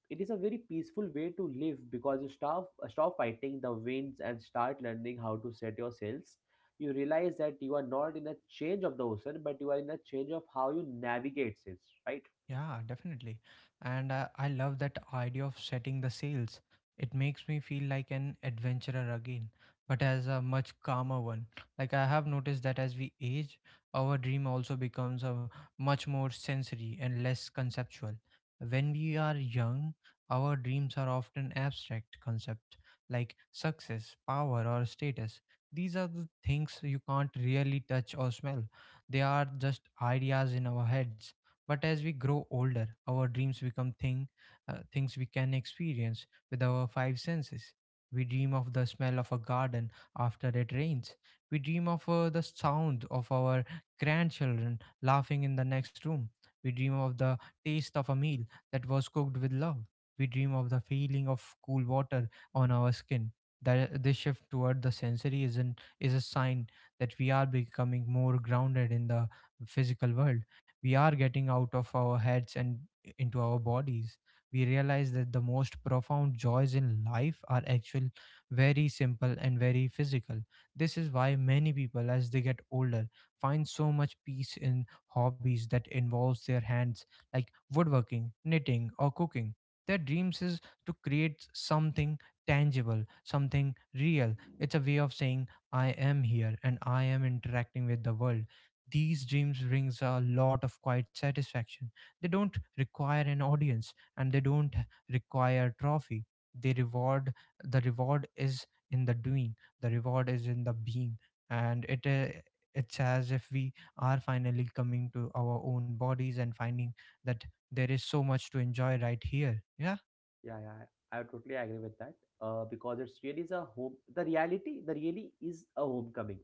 [SPEAKER 2] It is a very peaceful way to live because you stop fighting the winds and start learning how to set your sails. You realize that you are not in a change of the ocean, but you are in a change of how you navigate sails, right?
[SPEAKER 1] Yeah, definitely. And I love that idea of setting the sails. It makes me feel like an adventurer again, but as a much calmer one. Like I have noticed that as we age, our dream also becomes a much more sensory and less conceptual. When we are young, our dreams are often abstract concepts like success, power, or status. These are the things you can't really touch or smell. They are just ideas in our heads. But as we grow older, our dreams become things we can experience with our five senses. We dream of the smell of a garden after it rains. We dream of the sound of our grandchildren laughing in the next room. We dream of the taste of a meal that was cooked with love. We dream of the feeling of cool water on our skin. That this shift toward the sensory isn't is a sign that we are becoming more grounded in the physical world. We are getting out of our heads and into our bodies. We realize that the most profound joys in life are actually very simple and very physical. This is why many people, as they get older, find so much peace in hobbies that involves their hands, like woodworking, knitting, or cooking. Their dreams is to create something tangible, something real. It's a way of saying, I am here and I am interacting with the world. These dreams brings a lot of quiet satisfaction. They don't require an audience and they don't require trophy. They reward the reward is in the doing. The reward is in the being and it's as if we are finally coming to our own bodies and finding that there is so much to enjoy right here. Yeah.
[SPEAKER 2] Yeah, yeah, I totally agree with that. Because it's really is a home. The reality, the really is a homecoming,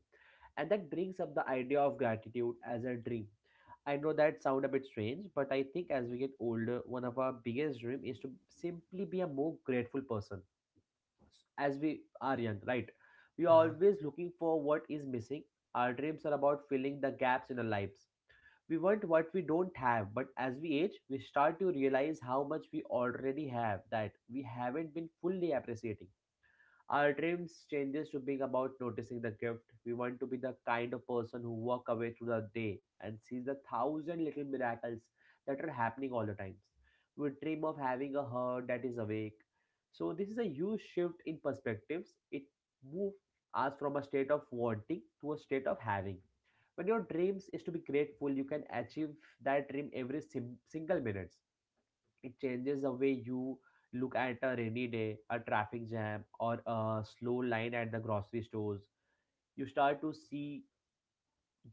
[SPEAKER 2] and that brings up the idea of gratitude as a dream. I know that sound a bit strange, but I think as we get older, one of our biggest dream is to simply be a more grateful person. As we are young, right? We are
[SPEAKER 1] Yeah,
[SPEAKER 2] always looking for what is missing. Our dreams are about filling the gaps in our lives. We want what we don't have, but as we age, we start to realize how much we already have that we haven't been fully appreciating. Our dreams changes to being about noticing the gift. We want to be the kind of person who walk away through the day and sees the thousand little miracles that are happening all the times. We dream of having a heart that is awake. So this is a huge shift in perspectives. It moves us from a state of wanting to a state of having. When your dreams is to be grateful, you can achieve that dream every single minute. It changes the way you look at a rainy day, a traffic jam, or a slow line at the grocery stores. You start to see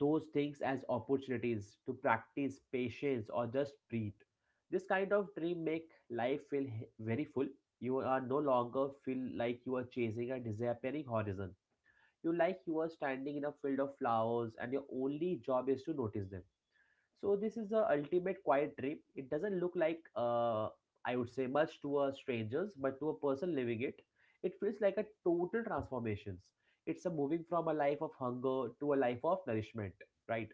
[SPEAKER 2] those things as opportunities to practice patience or just breathe. This kind of dream make life feel very full. You are no longer feel like you are chasing a disappearing horizon. You like you are standing in a field of flowers and your only job is to notice them. So this is the ultimate quiet trip. It doesn't look like I would say much to a strangers, but to a person living it, it feels like a total transformations. It's a moving from a life of hunger to a life of nourishment, right?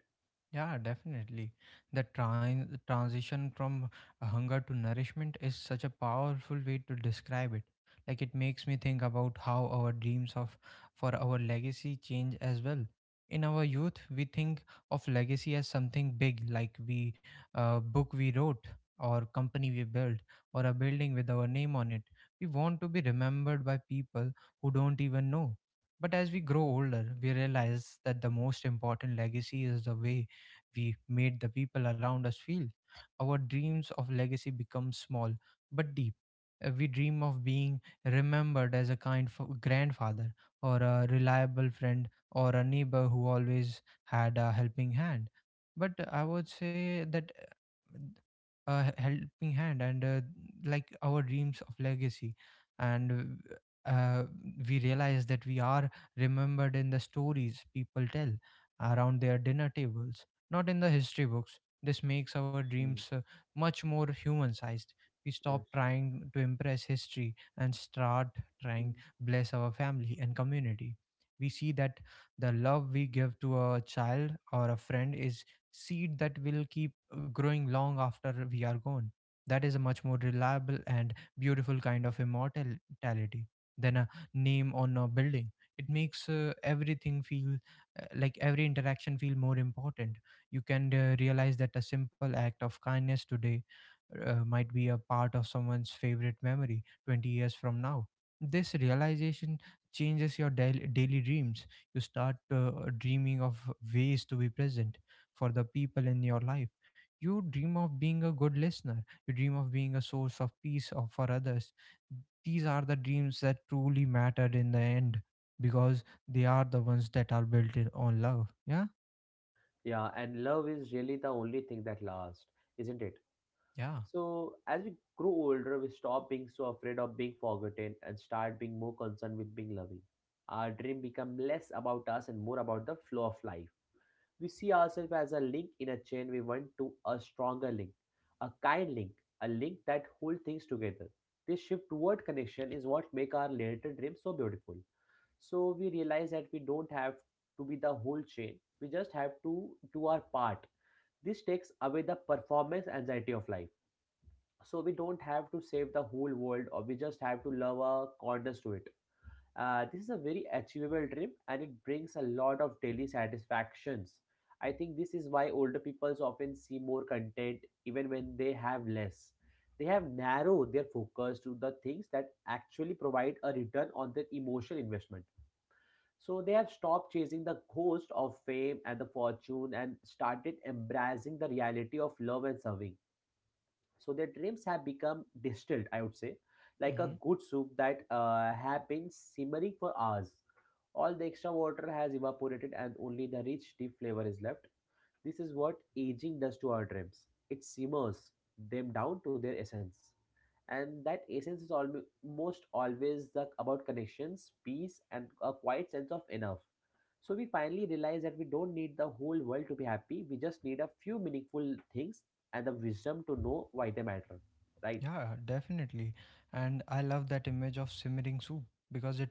[SPEAKER 1] yeah, definitely. The transition from hunger to nourishment is such a powerful way to describe it. Like, it makes me think about how our dreams of for our legacy change as well. In our youth, we think of legacy as something big, like we book we wrote, or company we built, or a building with our name on it. We want to be remembered by people who don't even know. But as we grow older, we realize that the most important legacy is the way we made the people around us feel. Our dreams of legacy become small but deep. We dream of being remembered as a grandfather or a reliable friend or a neighbor who always had a helping hand. But I would say that a helping hand and like our dreams of legacy and uh, we realize that we are remembered in the stories people tell around their dinner tables, not in the history books. This makes our dreams
[SPEAKER 2] Mm,
[SPEAKER 1] much more human sized. We stop
[SPEAKER 2] yes.
[SPEAKER 1] trying to impress history and start
[SPEAKER 2] Mm.
[SPEAKER 1] trying bless our family and community. We see that the love we give to a child or a friend is seed that will keep growing long after we are gone. That is a much more reliable and beautiful kind of immortality than a name on a building. It makes everything feel like every interaction feel more important. You can realize that a simple act of kindness today might be a part of someone's favorite memory 20 years from now. This realization changes your daily dreams. You start dreaming of ways to be present for the people in your life. You dream of being a good listener. You dream of being a source of peace of, for others. These are the dreams that truly mattered in the end, because they are the ones that are built in on love. Yeah?
[SPEAKER 2] Yeah, and love is really the only thing that lasts, isn't it?
[SPEAKER 1] Yeah.
[SPEAKER 2] So, as we grow older, we stop being so afraid of being forgotten and start being more concerned with being loving. Our dream become less about us and more about the flow of life. We see ourselves as a link in a chain we want to a stronger link, a kind link, a link that holds things together. This shift toward connection is what makes our later dream so beautiful. So we realize that we don't have to be the whole chain. We just have to do our part. This takes away the performance anxiety of life. So we don't have to save the whole world or we just have to love our corners to it. This is a very achievable dream and it brings a lot of daily satisfactions. I think this is why older people often see more content even when they have less. They have narrowed their focus to the things that actually provide a return on their emotional investment. So they have stopped chasing the ghost of fame and the fortune and started embracing the reality of love and serving, so their dreams have become distilled, I would say, like a good soup that have been simmering for hours. All the extra water has evaporated and only the rich deep flavor is left. This is what aging does to our dreams. It simmers them down to their essence, and that essence is almost always about connections, peace and a quiet sense of enough. So we finally realize that we don't need the whole world to be happy. We just need a few meaningful things and the wisdom to know why they matter. Right?
[SPEAKER 1] Yeah, definitely. And I love that image of simmering soup because it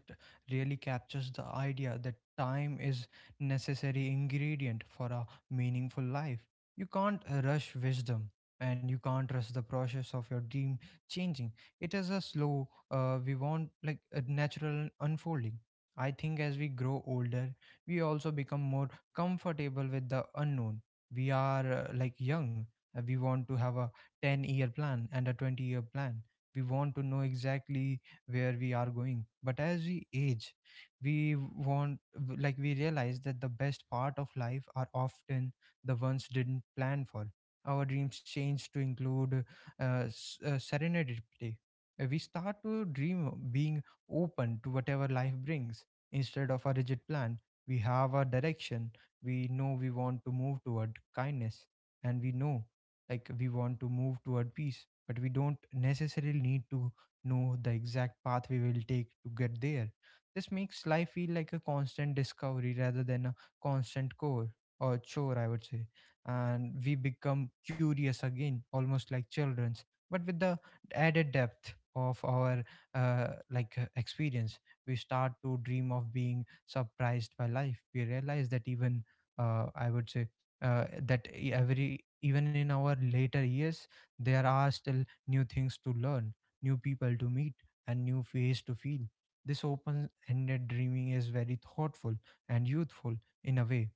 [SPEAKER 1] really captures the idea that time is necessary ingredient for a meaningful life. You can't rush wisdom and you can't rush the process of your dream changing. It is a slow, we want like a natural unfolding. I think as we grow older, we also become more comfortable with the unknown. We are like young. We want to have a 10-year plan and a 20-year plan. We want to know exactly where we are going. But as we age, we want, like, we realize that the best part of life are often the ones didn't plan for. Our dreams change to include serenity. We start to dream of being open to whatever life brings instead of a rigid plan. We have a direction. We know we want to move toward kindness, and we know like we want to move toward peace, but we don't necessarily need to know the exact path we will take to get there. This makes life feel like a constant discovery rather than a constant core, or chore I would say. And we become curious again, almost like children's, but with the added depth of our experience. We start to dream of being surprised by life. We realize that even I would say that e- every even in our later years there are still new things to learn, new people to meet, and new face to feel. This open-ended dreaming is very thoughtful and youthful, in a way.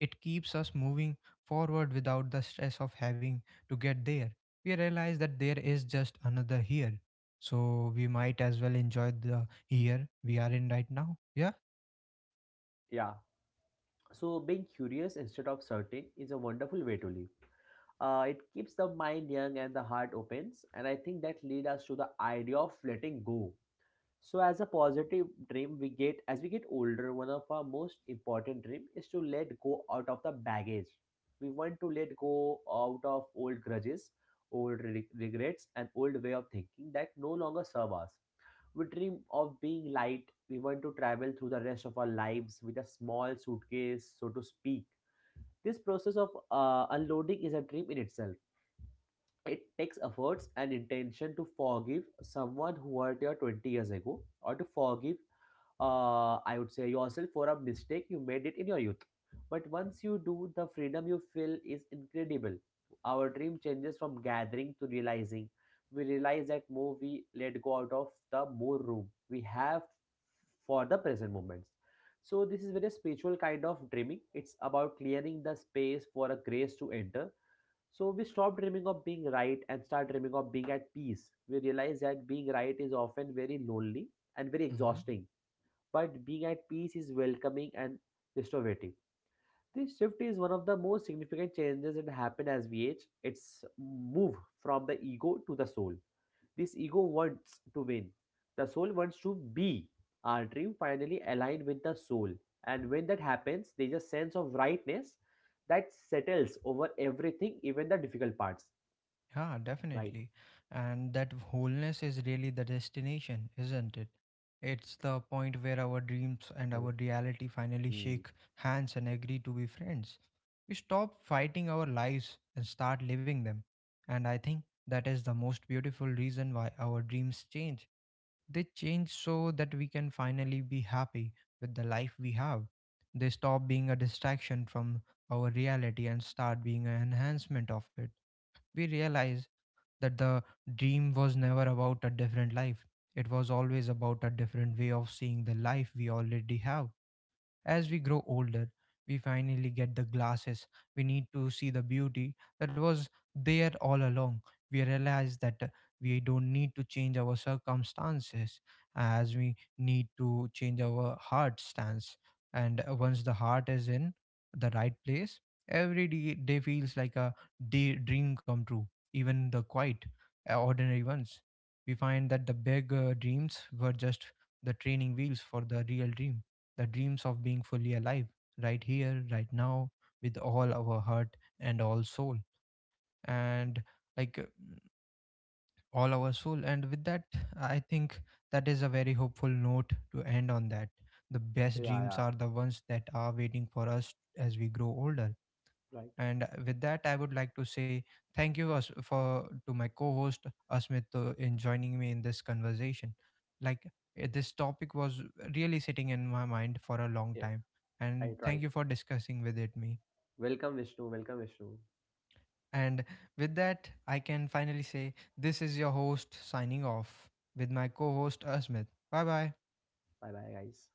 [SPEAKER 1] It keeps us moving forward without the stress of having to get there. We realize that there is just another here, so we might as well enjoy the here we are in right now. Yeah.
[SPEAKER 2] Yeah. So being curious instead of certain is a wonderful way to live. It keeps the mind young and the heart opens, and I think that leads us to the idea of letting go. So as a positive dream we get as we get older, one of our most important dream is to let go out of the baggage. We want to let go out of old grudges, regrets and old way of thinking that no longer serve us. We dream of being light. We want to travel through the rest of our lives with a small suitcase, so to speak. This process of unloading is a dream in itself. It takes efforts and intention to forgive someone who hurt you 20 years ago or to forgive, I would say, yourself for a mistake you made it in your youth. But once you do, the freedom you feel is incredible. Our dream changes from gathering to realizing. We realize that more we let go out of, the more room we have for the present moments. So this is very spiritual kind of dreaming. It's about clearing the space for a grace to enter. So we stop dreaming of being right and start dreaming of being at peace. We realize that being right is often very lonely and very exhausting, but being at peace is welcoming and restorative. This shift is one of the most significant changes that happen as we age. It's move from the ego to the soul. This ego wants to win. The soul wants to be. Our dream finally aligned with the soul. And when that happens, there's a sense of rightness that settles over everything, even the difficult parts.
[SPEAKER 1] Yeah,
[SPEAKER 2] Right,
[SPEAKER 1] definitely. And that wholeness is really the destination, isn't it? It's the point where our dreams and
[SPEAKER 2] right.
[SPEAKER 1] our reality finally
[SPEAKER 2] Hmm.
[SPEAKER 1] shake hands and agree to be friends. We stop fighting our lives and start living them. And I think that is the most beautiful reason why our dreams change. They change so that we can finally be happy with the life we have. They stop being a distraction from our reality and start being an enhancement of it. We realize that the dream was never about a different life. It was always about a different way of seeing the life we already have. As we grow older, we finally get the glasses. We need to see the beauty that was there all along. We realize that we don't need to change our circumstances as we need to change our heart stance. And once the heart is in the right place, every day feels like a day dream come true, even the quiet, ordinary ones. We find that the big dreams were just the training wheels for the real dream, the dreams of being fully alive, right here, right now, with all our heart and all soul, and like uh, all our soul. And with that, I think that is a very hopeful note to end on that. The best
[SPEAKER 2] Yeah,
[SPEAKER 1] dreams
[SPEAKER 2] yeah.
[SPEAKER 1] are the ones that are waiting for us as we grow older.
[SPEAKER 2] Right.
[SPEAKER 1] And with that, I would like to say thank you for to my co-host Asmit in joining me in this conversation. Like, this topic was really sitting in my mind for a long
[SPEAKER 2] Yeah,
[SPEAKER 1] time, and
[SPEAKER 2] right, right.
[SPEAKER 1] thank you for discussing with it me.
[SPEAKER 2] Welcome, Vishnu. Welcome, Vishnu.
[SPEAKER 1] And with that, I can finally say this is your host signing off with my co-host Asmit. Bye bye.
[SPEAKER 2] Bye bye, guys.